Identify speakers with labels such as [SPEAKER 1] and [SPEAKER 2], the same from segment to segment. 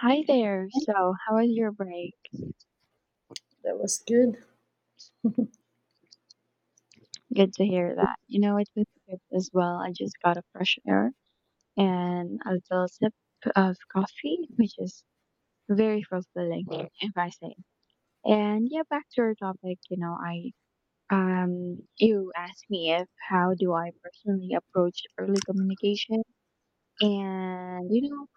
[SPEAKER 1] Hi there. So, how was your break?
[SPEAKER 2] That was good.
[SPEAKER 1] Good to hear that. It was good as well. I just got a fresh air and a little sip of coffee, which is very fulfilling, right, if I say. And yeah, back to our topic. You know, I You asked me if how do I personally approach early communication, and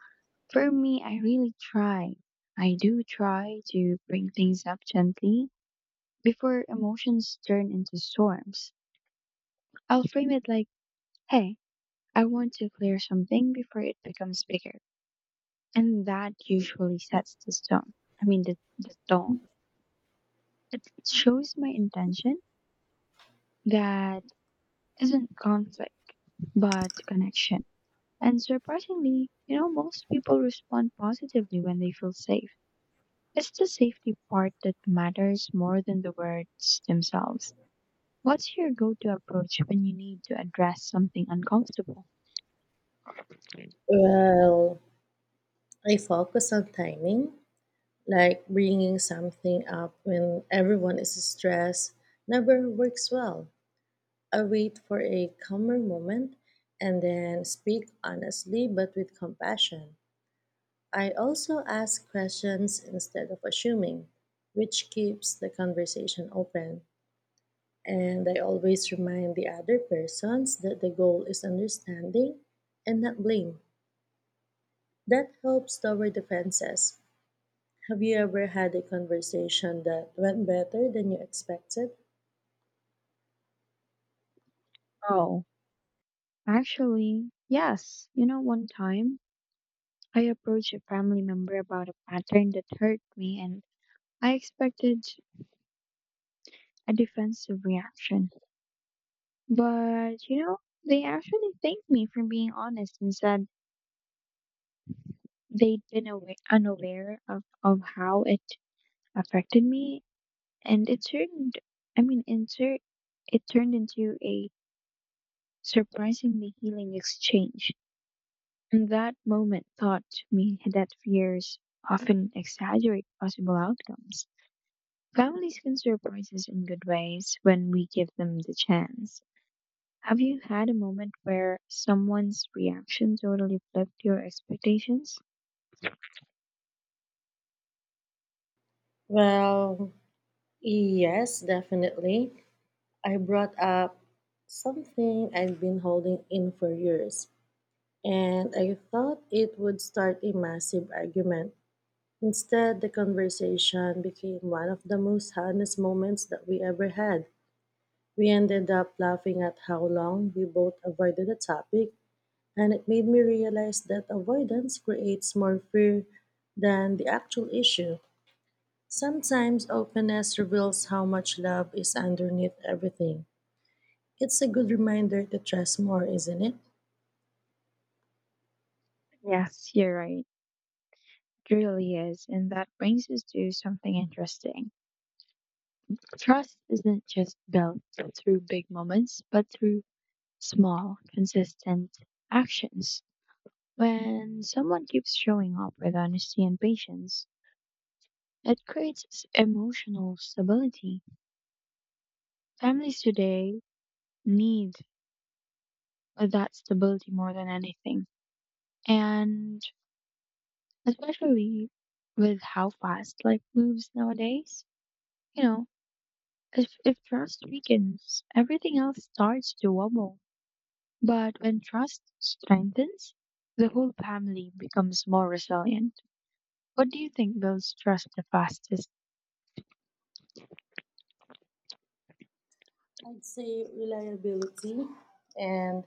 [SPEAKER 1] for me, I really try. I do try to bring things up gently before emotions turn into storms. I'll frame it like, hey, I want to clear something before it becomes bigger. And that usually sets the tone. I mean, the, the tone. It shows my intention that isn't conflict, but connection. And surprisingly, most people respond positively when they feel safe. It's the safety part that matters more than the words themselves. What's your go to approach when you need to address something uncomfortable?
[SPEAKER 2] Well, I focus on timing, like bringing something up when everyone is stressed never works well. I wait for a calmer moment and then speak honestly but with compassion. I also ask questions instead of assuming, which keeps the conversation open. And I always remind the other persons that the goal is understanding and not blame. That helps lower defenses. Have you ever had a conversation that went better than you expected?
[SPEAKER 1] Oh, actually, yes. One time I approached a family member about a pattern that hurt me, and I expected a defensive reaction. But, they actually thanked me for being honest and said they'd been unaware of how it affected me, and it turned, I mean, insert, it turned into a surprisingly healing exchange. And that moment taught me that fears often exaggerate possible outcomes. Families can surprise us in good ways when we give them the chance. Have you had a moment where someone's reaction totally flipped your expectations?
[SPEAKER 2] Well, yes, definitely. I brought up something I'd been holding in for years, and I thought it would start a massive argument. Instead, the conversation became one of the most honest moments that we ever had. We ended up laughing at how long we both avoided the topic. And it made me realize that avoidance creates more fear than the actual issue. Sometimes openness reveals how much love is underneath everything. It's a good reminder to trust more, isn't it?
[SPEAKER 1] Yes, you're right. It really is. And that brings us to something interesting. Trust isn't just built through big moments, but through small, consistent actions. When someone keeps showing up with honesty and patience, it creates emotional stability. Families today need that stability more than anything. And especially with how fast life moves nowadays, you know, if trust weakens, everything else starts to wobble. But when trust strengthens, the whole family becomes more resilient. What do you think builds trust the fastest?
[SPEAKER 2] I'd say reliability and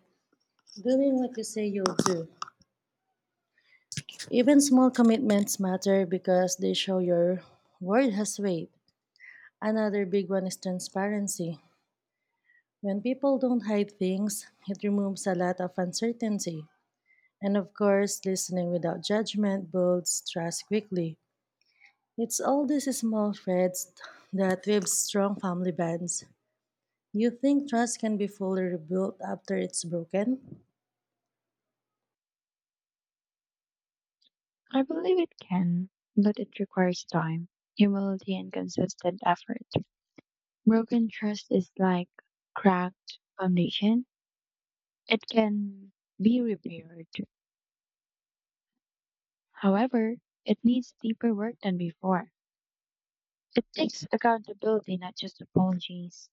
[SPEAKER 2] doing what you say you'll do. Even small commitments matter because they show your word has weight. Another big one is transparency. When people don't hide things, it removes a lot of uncertainty. And of course, listening without judgment builds trust quickly. It's all these small threads that weave strong family bonds. You think trust can be fully rebuilt after it's broken?
[SPEAKER 1] I believe it can, but it requires time, humility, and consistent effort. Broken trust is like cracked foundation. It can be repaired. However, it needs deeper work than before. It takes accountability, not just apologies.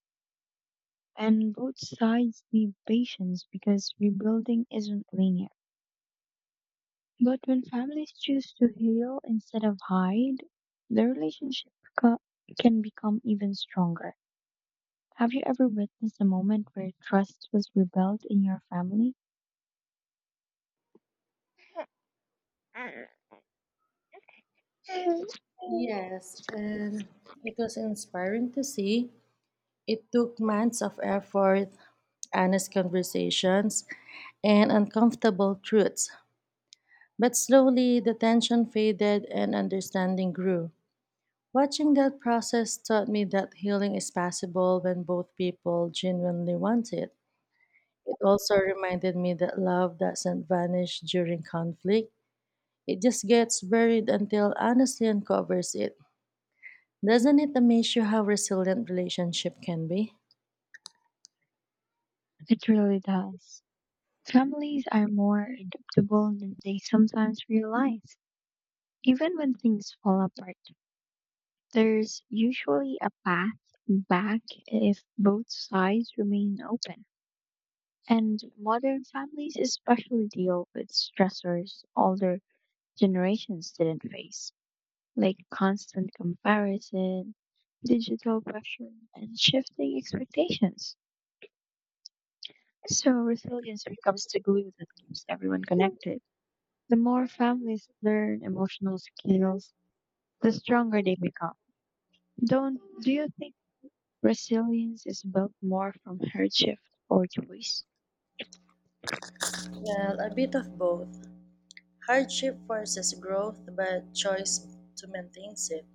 [SPEAKER 1] And both sides need patience because rebuilding isn't linear. But when families choose to heal instead of hide, the relationship co- can become even stronger. Have you ever witnessed a moment where trust was rebuilt in your family? It
[SPEAKER 2] Yes, and it was inspiring to see. It took months of effort, honest conversations, and uncomfortable truths. But slowly, the tension faded and understanding grew. Watching that process taught me that healing is possible when both people genuinely want it. It also reminded me that love doesn't vanish during conflict, it just gets buried until honesty uncovers it. Doesn't it amaze you how resilient relationship can be?
[SPEAKER 1] really does. Families are more adaptable than they sometimes realize. Even when things fall apart, there's usually a path back if both sides remain open. And modern families especially deal with stressors older generations didn't face, like constant comparison, digital pressure, and shifting expectations. So, resilience becomes the glue that keeps everyone connected. The more families learn emotional skills, the stronger they become. Don't do you think resilience is built more from hardship or choice?
[SPEAKER 2] Well, a bit of both. Hardship forces growth, but choice to maintains it.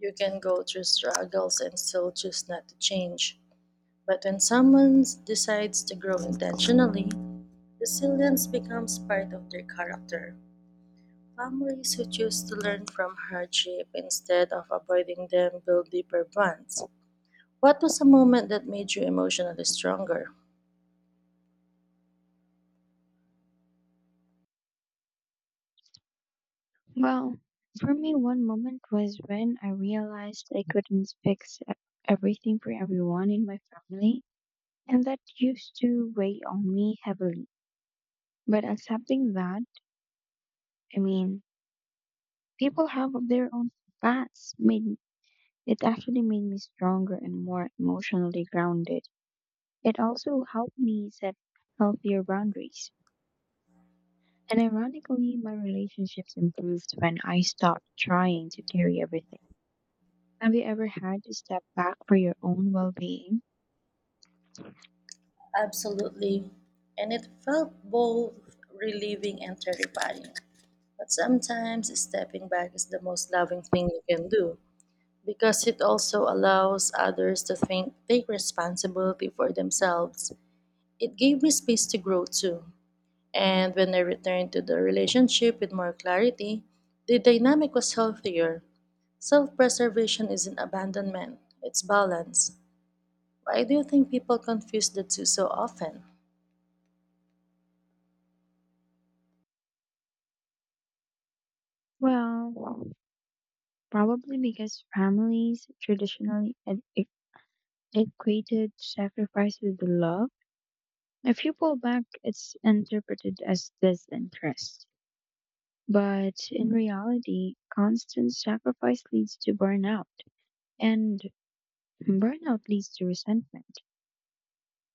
[SPEAKER 2] You can go through struggles and still choose not to change. But when someone decides to grow intentionally, resilience becomes part of their character. Families who choose to learn from hardship instead of avoiding them build deeper bonds. What was a moment that made you emotionally stronger?
[SPEAKER 1] Well, for me, one moment was when I realized I couldn't fix everything for everyone in my family, and that used to weigh on me heavily. But accepting that, I mean, people have their own paths, made it actually made me stronger and more emotionally grounded. It also helped me set healthier boundaries. And ironically, my relationships improved when I stopped trying to carry everything. Have you ever had to step back for your own well being?
[SPEAKER 2] Absolutely. And it felt both relieving and terrifying. But sometimes stepping back is the most loving thing you can do because it also allows others to think take responsibility for themselves. It gave me space to grow too, and when I returned to the relationship with more clarity, the dynamic was healthier. Self preservation isn't abandonment, it's balance. Why do you think people confuse the two so often?
[SPEAKER 1] Well, probably because families traditionally equated sacrifice with love. If you pull back, it's interpreted as disinterest. But in reality, constant sacrifice leads to burnout, and burnout leads to resentment.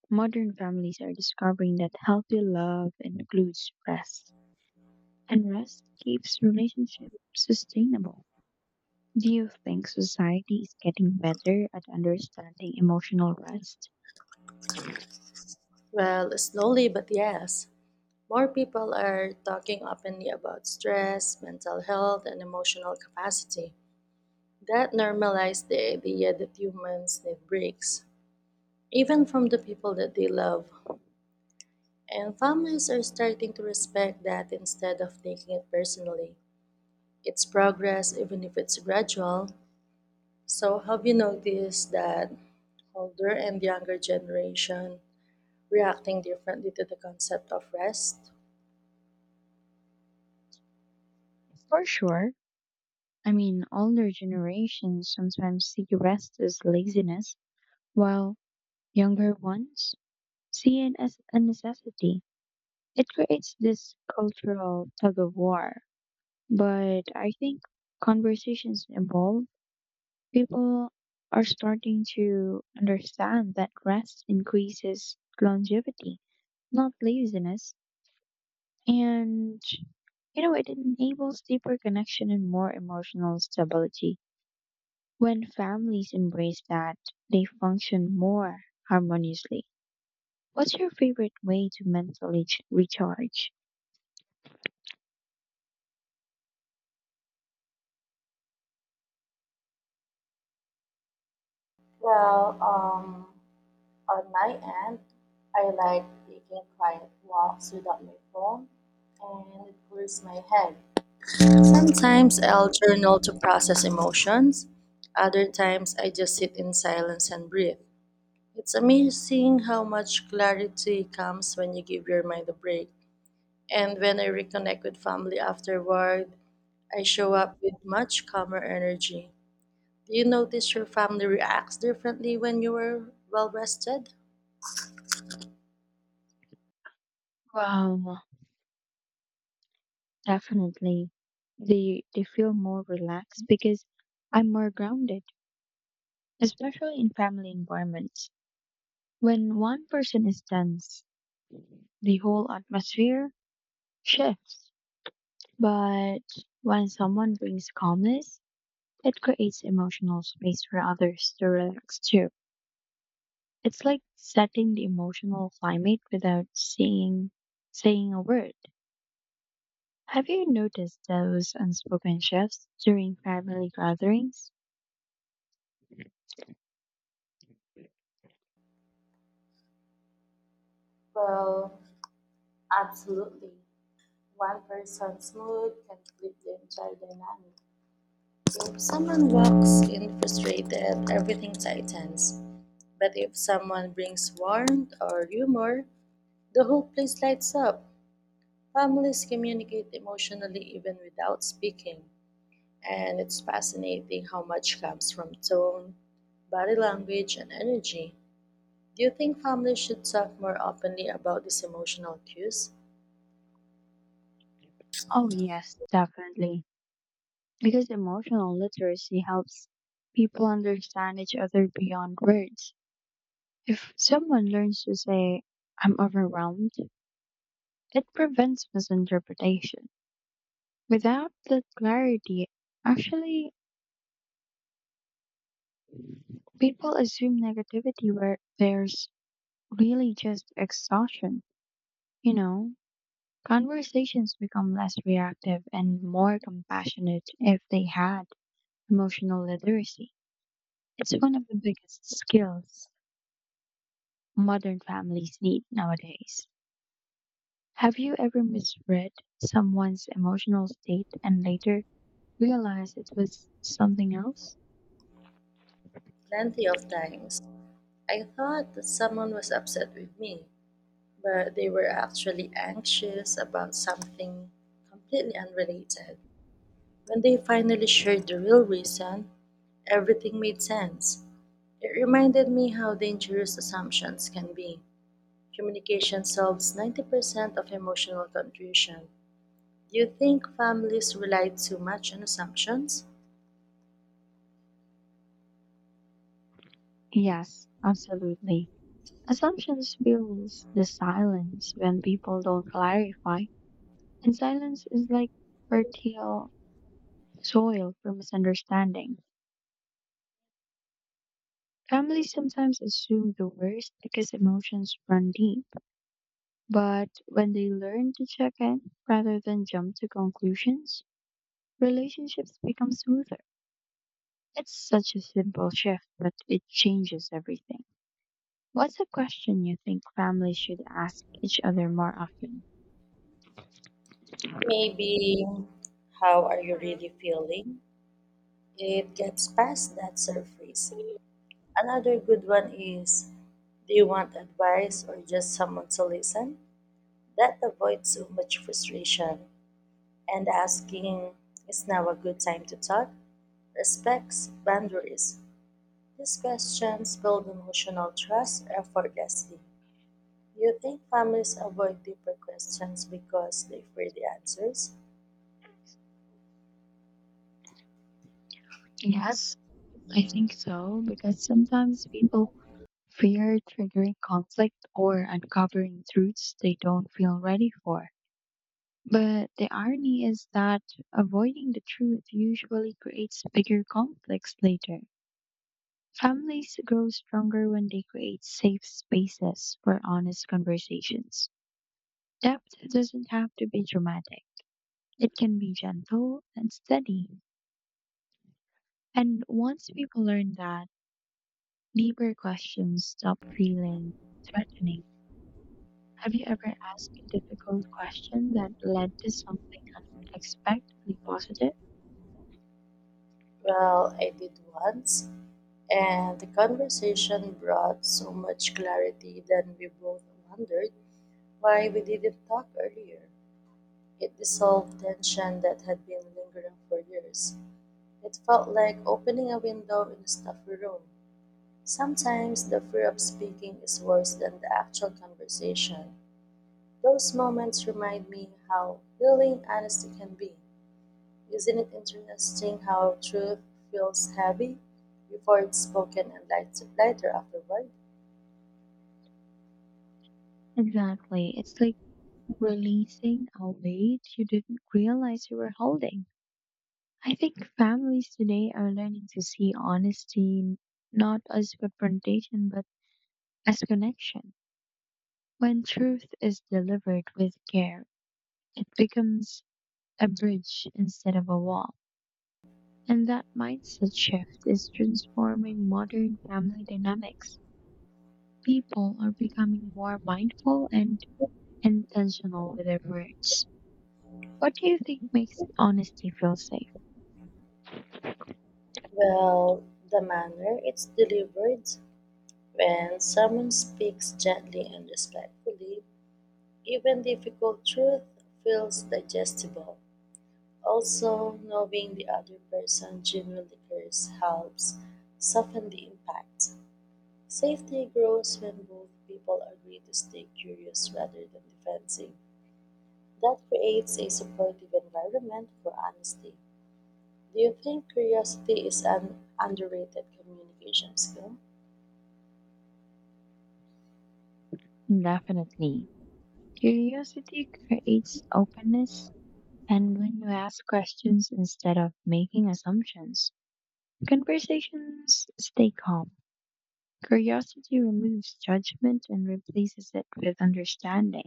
[SPEAKER 1] Modern families are discovering that healthy love includes rest, and rest keeps relationships sustainable. Do you think society is getting better at understanding emotional rest?
[SPEAKER 2] Well, slowly but yes. More people are talking openly about stress, mental health, and emotional capacity. That normalized the idea that humans need breaks, even from the people that they love. And families are starting to respect that instead of taking it personally. It's progress, even if it's gradual. So, have you noticed that older and younger generation reacting differently to the concept of rest?
[SPEAKER 1] For sure. I mean, older generations sometimes see rest as laziness, while younger ones see it as a necessity. It creates this cultural tug of war. But I think conversations evolve. People are starting to understand that rest increases longevity, not laziness. And, it enables deeper connection and more emotional stability. When families embrace that, they function more harmoniously. What's your favorite way to mentally recharge?
[SPEAKER 2] Well, on my end, I like taking quiet walks without my phone, and it clears my head. Sometimes I'll journal to process emotions. Other times I just sit in silence and breathe. It's amazing how much clarity comes when you give your mind a break. And when I reconnect with family afterward, I show up with much calmer energy. Do you notice your family reacts differently when you were well rested?
[SPEAKER 1] Wow, definitely. They feel more relaxed because I'm more grounded, especially in family environments. When one person is tense, the whole atmosphere shifts. But when someone brings calmness, it creates emotional space for others to relax too. It's like setting the emotional climate without seeing saying a word. Have you noticed those unspoken shifts during family gatherings?
[SPEAKER 2] Well, absolutely. One person's mood can flip the entire dynamic. If someone walks in frustrated, everything tightens. But if someone brings warmth or humor, the whole place lights up. Families communicate emotionally even without speaking, and it's fascinating how much comes from tone, body language, and energy. Do you think families should talk more openly about these emotional cues?
[SPEAKER 1] Oh yes, definitely. Because emotional literacy helps people understand each other beyond words. If someone learns to say, I'm overwhelmed, it prevents misinterpretation. Without that clarity, actually, people assume negativity where there's really just exhaustion. You know, Conversations become less reactive and more compassionate if they had emotional literacy. It's one of the biggest skills modern families need nowadays. Have you ever misread someone's emotional state and later realized it was something else?
[SPEAKER 2] Plenty of times. I thought that someone was upset with me, but they were actually anxious about something completely unrelated. When they finally shared the real reason, everything made sense. It reminded me how dangerous assumptions can be. Communication solves 90% of emotional confusion. Do you think families rely too much on assumptions?
[SPEAKER 1] Yes, absolutely. Assumptions fills the silence when people don't clarify, and silence is like fertile soil for misunderstanding. Families sometimes assume the worst because emotions run deep. But when they learn to check in rather than jump to conclusions, relationships become smoother. It's such a simple shift, but it changes everything. What's a question you think families should ask each other more often?
[SPEAKER 2] Maybe, how are you really feeling? It gets past that surface. Another good one is, do you want advice or just someone to listen? That avoids so much frustration. And asking, is now a good time to talk? Respects boundaries. These questions build emotional trust effortlessly. Do you think families avoid deeper questions because they fear the answers?
[SPEAKER 1] Yes, I think so, because sometimes people fear triggering conflict or uncovering truths they don't feel ready for. But the irony is that avoiding the truth usually creates bigger conflicts later. Families grow stronger when they create safe spaces for honest conversations. Depth doesn't have to be dramatic, it can be gentle and steady. And once people learn that, deeper questions stop feeling threatening. Have you ever asked a difficult question that led to something unexpectedly positive?
[SPEAKER 2] Well, I did once, and the conversation brought so much clarity that we both wondered why we didn't talk earlier. It dissolved tension that had been lingering for years. It felt like opening a window in a stuffy room. Sometimes the fear of speaking is worse than the actual conversation. Those moments remind me how healing honesty can be. Isn't it interesting how truth feels heavy before it's spoken and lighter afterward?
[SPEAKER 1] Exactly. It's like releasing a weight you didn't realize you were holding. I think families today are learning to see honesty not as confrontation but as connection. When truth is delivered with care, it becomes a bridge instead of a wall. And that mindset shift is transforming modern family dynamics. People are becoming more mindful and intentional with their words. What do you think makes honesty feel safe?
[SPEAKER 2] Well, the manner it's delivered when someone speaks gently and respectfully, even difficult truth feels digestible. Also, knowing the other person genuinely cares helps soften the impact. Safety grows when both people agree to stay curious rather than defensive. That creates a supportive environment for honesty. Do you think curiosity is an underrated communication skill?
[SPEAKER 1] Definitely. Curiosity creates openness, and when you ask questions instead of making assumptions, conversations stay calm. Curiosity removes judgment and replaces it with understanding.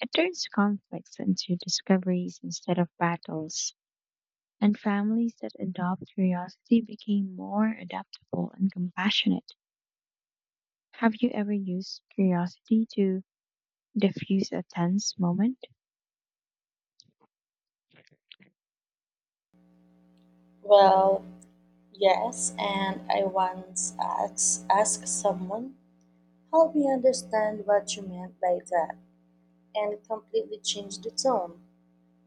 [SPEAKER 1] It turns conflicts into discoveries instead of battles, and families that adopt curiosity became more adaptable and compassionate. Have you ever used curiosity to diffuse a tense moment?
[SPEAKER 2] Well, yes, and I once asked someone, help me understand what you meant by that. And completely changed the tone.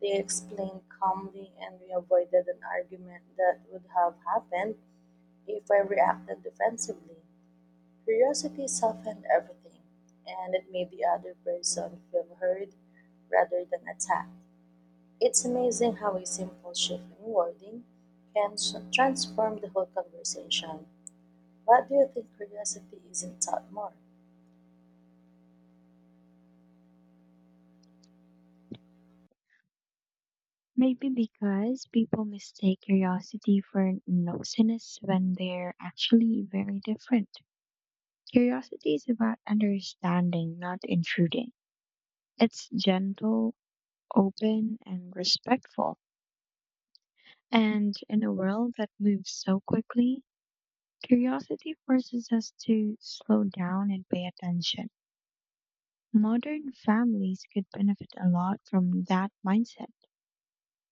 [SPEAKER 2] They explained calmly, and we avoided an argument that would have happened if I reacted defensively. Curiosity softened everything, and it made the other person feel heard rather than attacked. It's amazing how a simple shift in wording can transform the whole conversation. What do you think curiosity isn't taught more?
[SPEAKER 1] Maybe because people mistake curiosity for nosiness when they're actually very different. Curiosity is about understanding, not intruding. It's gentle, open, and respectful. And in a world that moves so quickly, curiosity forces us to slow down and pay attention. Modern families could benefit a lot from that mindset.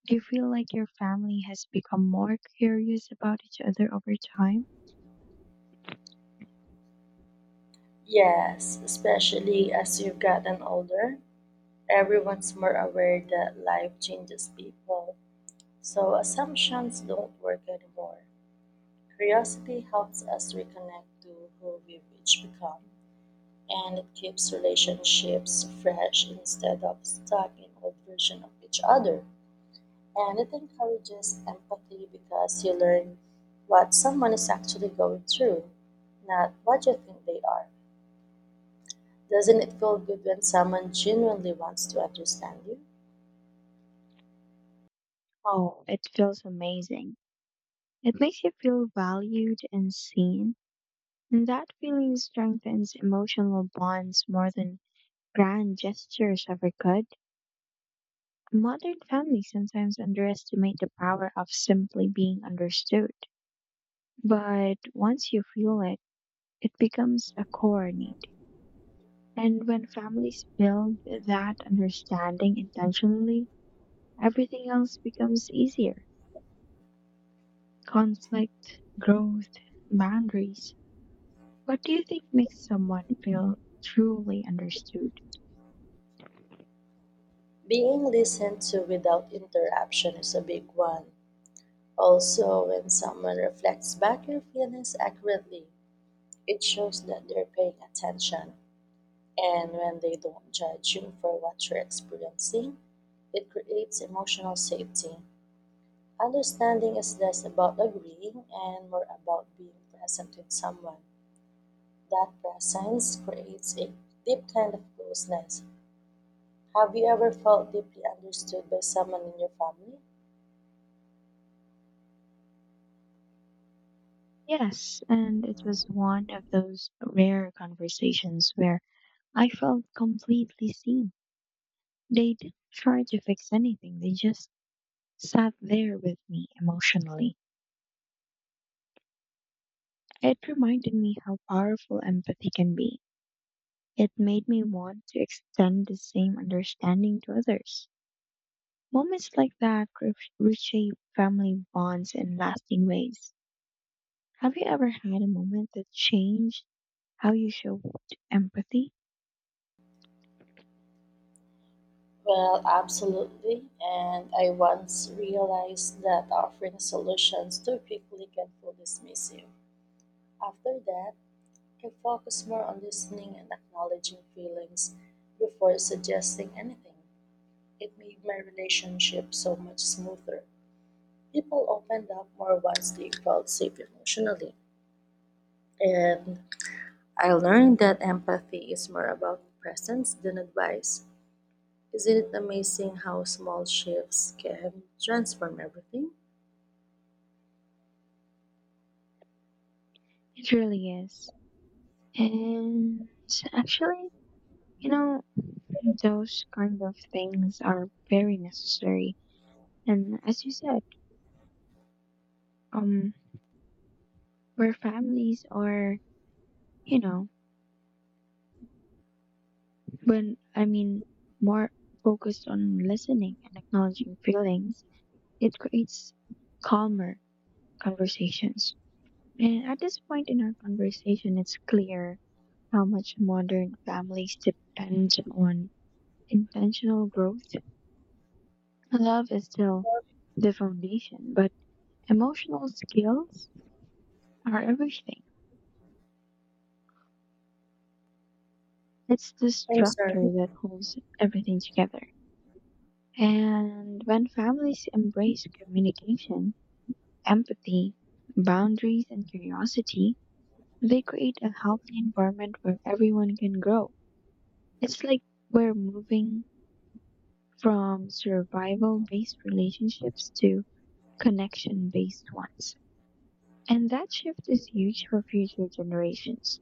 [SPEAKER 1] Do you feel like your family has become more curious about each other over time?
[SPEAKER 2] Yes, especially as you've gotten older, everyone's more aware that life changes people, so assumptions don't work anymore. Curiosity helps us reconnect to who we've each become, and it keeps relationships fresh instead of stuck in old version of each other. And it encourages empathy because you learn what someone is actually going through, not what you think they are. Doesn't it feel good when someone genuinely wants to understand you?
[SPEAKER 1] Oh, it feels amazing. It makes you feel valued and seen, and that feeling strengthens emotional bonds more than grand gestures ever could. Modern families sometimes underestimate the power of simply being understood, but once you feel it, it becomes a core need. And when families build that understanding intentionally, everything else becomes easier. Conflict, growth, boundaries. What do you think makes someone feel truly understood?
[SPEAKER 2] Being listened to without interruption is a big one. Also, when someone reflects back your feelings accurately, it shows that they're paying attention. And when they don't judge you for what you're experiencing, it creates emotional safety. Understanding is less about agreeing and more about being present with someone. That presence creates a deep kind of closeness. Have you ever felt deeply understood by someone in your family?
[SPEAKER 1] Yes, and it was one of those rare conversations where I felt completely seen. They didn't try to fix anything, they just sat there with me emotionally. It reminded me how powerful empathy can be. It made me want to extend the same understanding to others. Moments like that reshape family bonds in lasting ways. Have you ever had a moment that changed how you show empathy?
[SPEAKER 2] Well, absolutely. And I once realized that offering solutions too quickly can feel dismissive. After that, I can focus more on listening and acknowledging feelings before suggesting anything. It made my relationship so much smoother. People opened up more once they felt safe emotionally. And I learned that empathy is more about presence than advice. Isn't it amazing how small shifts can transform everything?
[SPEAKER 1] It really is. And actually, you know, those kind of things are very necessary. And as you said, um, where families are, you know, when I mean more focused on listening and acknowledging feelings, it creates calmer conversations. And at this point in our conversation, it's clear how much modern families depend on intentional growth. Love is still the foundation, but emotional skills are everything. It's the
[SPEAKER 2] I'm sorry.
[SPEAKER 1] structure that holds everything together. And when families embrace communication, empathy, boundaries, and curiosity, they create a healthy environment where everyone can grow. It's like we're moving from survival based relationships to connection based ones. And that shift is huge for future generations.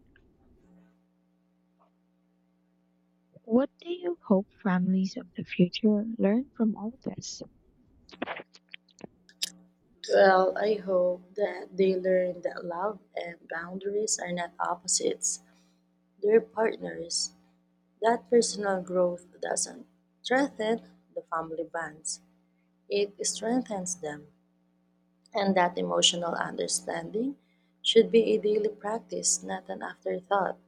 [SPEAKER 1] What do you hope families of the future learn from all this?
[SPEAKER 2] Well, I hope that they learn that love and boundaries are not opposites, they're partners. That personal growth doesn't strengthen the family bonds, it strengthens them. And that emotional understanding should be a daily practice, not an afterthought.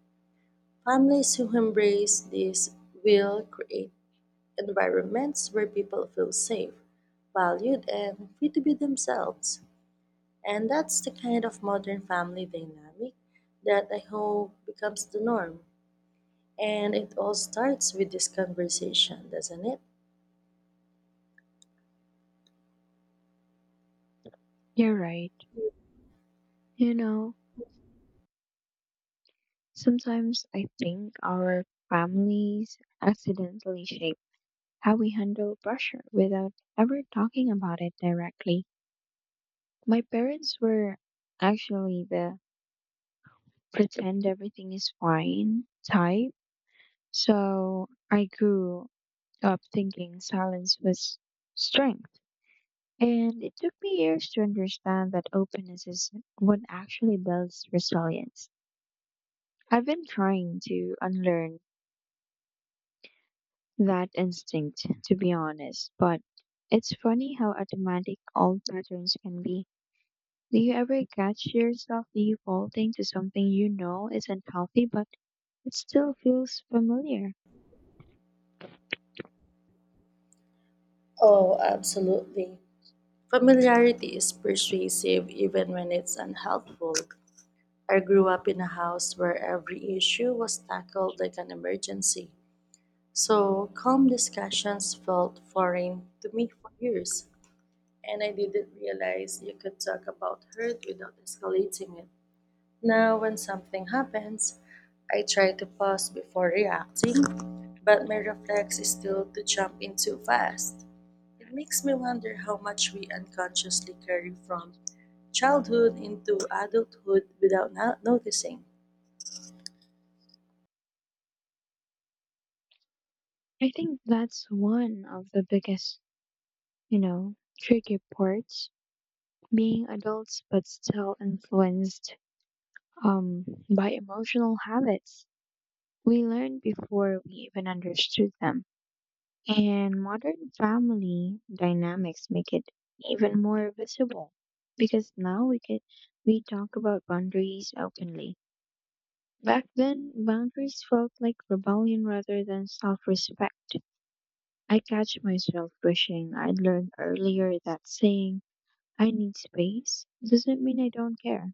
[SPEAKER 2] Families who embrace this will create environments where people feel safe, valued, and free to be themselves. And that's the kind of modern family dynamic that I hope becomes the norm. And it all starts with this conversation, doesn't it?
[SPEAKER 1] You're right. You know, Sometimes I think our families accidentally shape how we handle pressure without ever talking about it directly. My parents were actually the pretend everything is fine type, so I grew up thinking silence was strength. And it took me years to understand that openness is what actually builds resilience. I've been trying to unlearn that instinct, to be honest. But it's funny how automatic all patterns can be. Do you ever catch yourself defaulting to something you know isn't healthy, but it still feels familiar?
[SPEAKER 2] Oh, absolutely. Familiarity is persuasive even when it's unhelpful. I grew up in a house where every issue was tackled like an emergency. So, calm discussions felt foreign to me for years. And I didn't realize you could talk about hurt without escalating it. Now, when something happens, I try to pause before reacting, but my reflex is still to jump in too fast. It makes me wonder how much we unconsciously carry from childhood into adulthood without not noticing.
[SPEAKER 1] I think that's one of the biggest, you know, tricky parts, being adults but still influenced um, by emotional habits we learned before we even understood them. And modern family dynamics make it even more visible because now we can we talk about boundaries openly. Back then, boundaries felt like rebellion rather than self-respect. I catch myself wishing I'd learned earlier that saying I need space doesn't mean I don't care.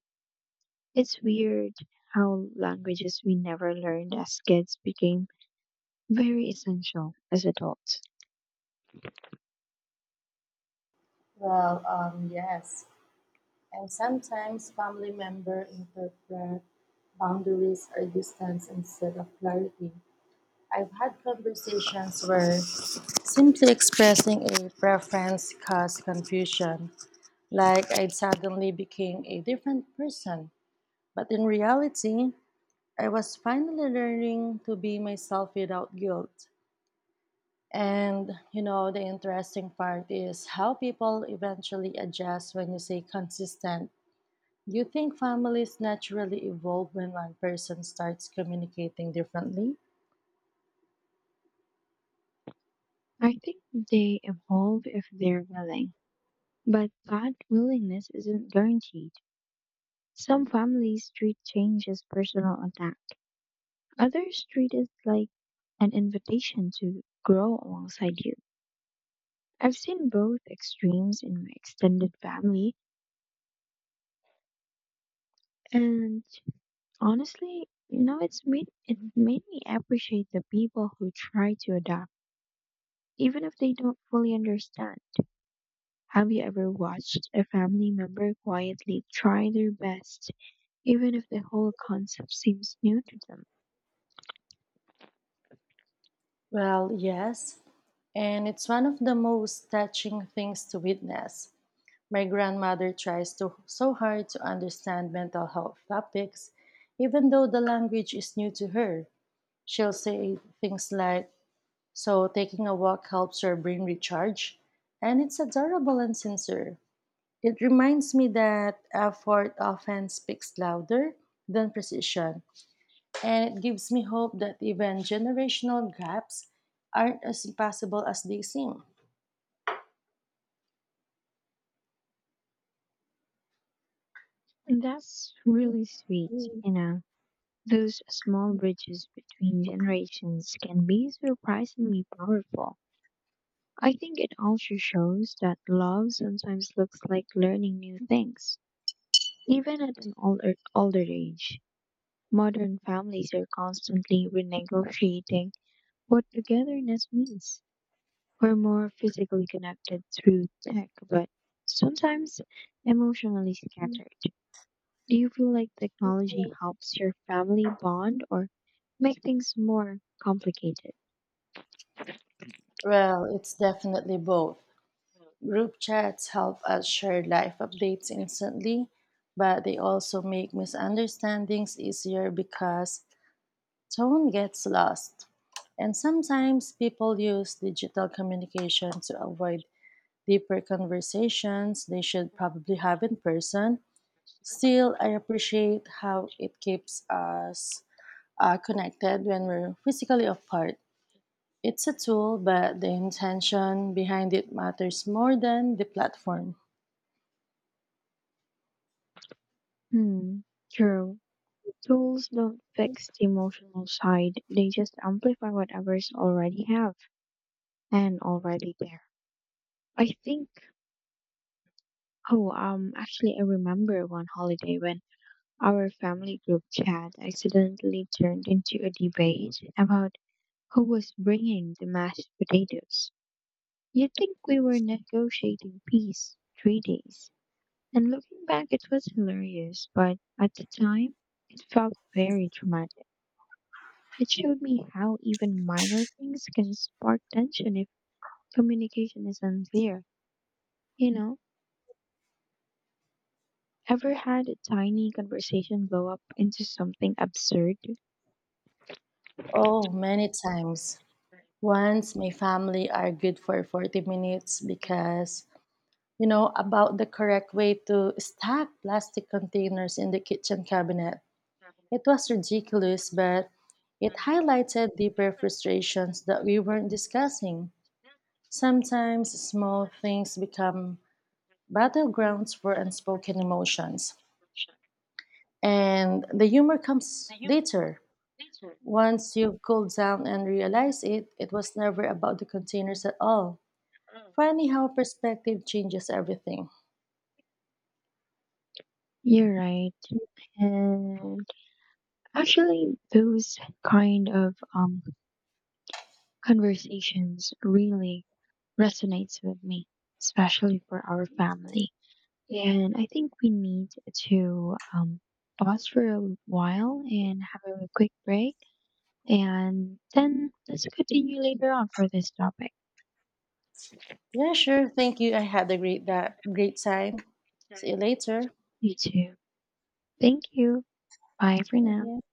[SPEAKER 1] It's weird how languages we never learned as kids became very essential as adults.
[SPEAKER 2] Well, yes. And sometimes family members interpret boundaries or distance instead of clarity. I've had conversations where simply expressing a preference caused confusion, like I'd suddenly became a different person. But in reality, I was finally learning to be myself without guilt. And you know, the interesting part is how people eventually adjust when you say consistent. You think families naturally evolve when one person starts communicating differently?
[SPEAKER 1] I think they evolve if they're willing, but that willingness isn't guaranteed. Some families treat change as personal attack, others treat it like an invitation to grow alongside you. I've seen both extremes in my extended family, and honestly, it made me appreciate the people who try to adapt, even if they don't fully understand. Have you ever watched a family member quietly try their best, even if the whole concept seems new to them?
[SPEAKER 2] Well, yes, and it's one of the most touching things to witness. My grandmother tries to, so hard to understand mental health topics, even though the language is new to her. She'll say things like, so taking a walk helps your brain recharge? And it's adorable and sincere. It reminds me that effort often speaks louder than precision. And it gives me hope that even generational gaps aren't as impossible as they seem.
[SPEAKER 1] And that's really sweet, you know. Those small bridges between generations can be surprisingly powerful. I think it also shows that love sometimes looks like learning new things, even at an older age. Modern families are constantly renegotiating what togetherness means. We're more physically connected through tech, but sometimes emotionally scattered. Do you feel like technology helps your family bond or make things more complicated?
[SPEAKER 2] Well, it's definitely both. Group chats help us share life updates instantly, but they also make misunderstandings easier because tone gets lost. And sometimes people use digital communication to avoid deeper conversations they should probably have in person. Still, I appreciate how it keeps us connected when we're physically apart. It's a tool, but the intention behind it matters more than the platform.
[SPEAKER 1] Hmm, true. Tools don't fix the emotional side, they just amplify whatever's already have and already there. I think, I remember one holiday when our family group chat accidentally turned into a debate about who was bringing the mashed potatoes. You'd think we were negotiating peace 3 days. And looking back, it was hilarious, but at the time, it felt very dramatic. It showed me how even minor things can spark tension if communication is unclear. You know, ever had a tiny conversation blow up into something absurd?
[SPEAKER 2] Oh, many times. Once my family argued for 40 minutes because, you know, about the correct way to stack plastic containers in the kitchen cabinet. It was ridiculous, but it highlighted deeper frustrations that we weren't discussing. Sometimes small things become battlegrounds for unspoken emotions. And the humor comes later once you've cooled down and realize it was never about the containers at all. Funny how perspective changes everything.
[SPEAKER 1] You're right. And actually, those kind of conversations really resonates with me, especially for our family. And I think we need to pause for a while and have a quick break. And then let's continue later on for this topic.
[SPEAKER 2] Yeah, sure, thank you. I had a great time. See you later.
[SPEAKER 1] You too. Thank you. Bye for
[SPEAKER 2] Thank
[SPEAKER 1] now.
[SPEAKER 2] you.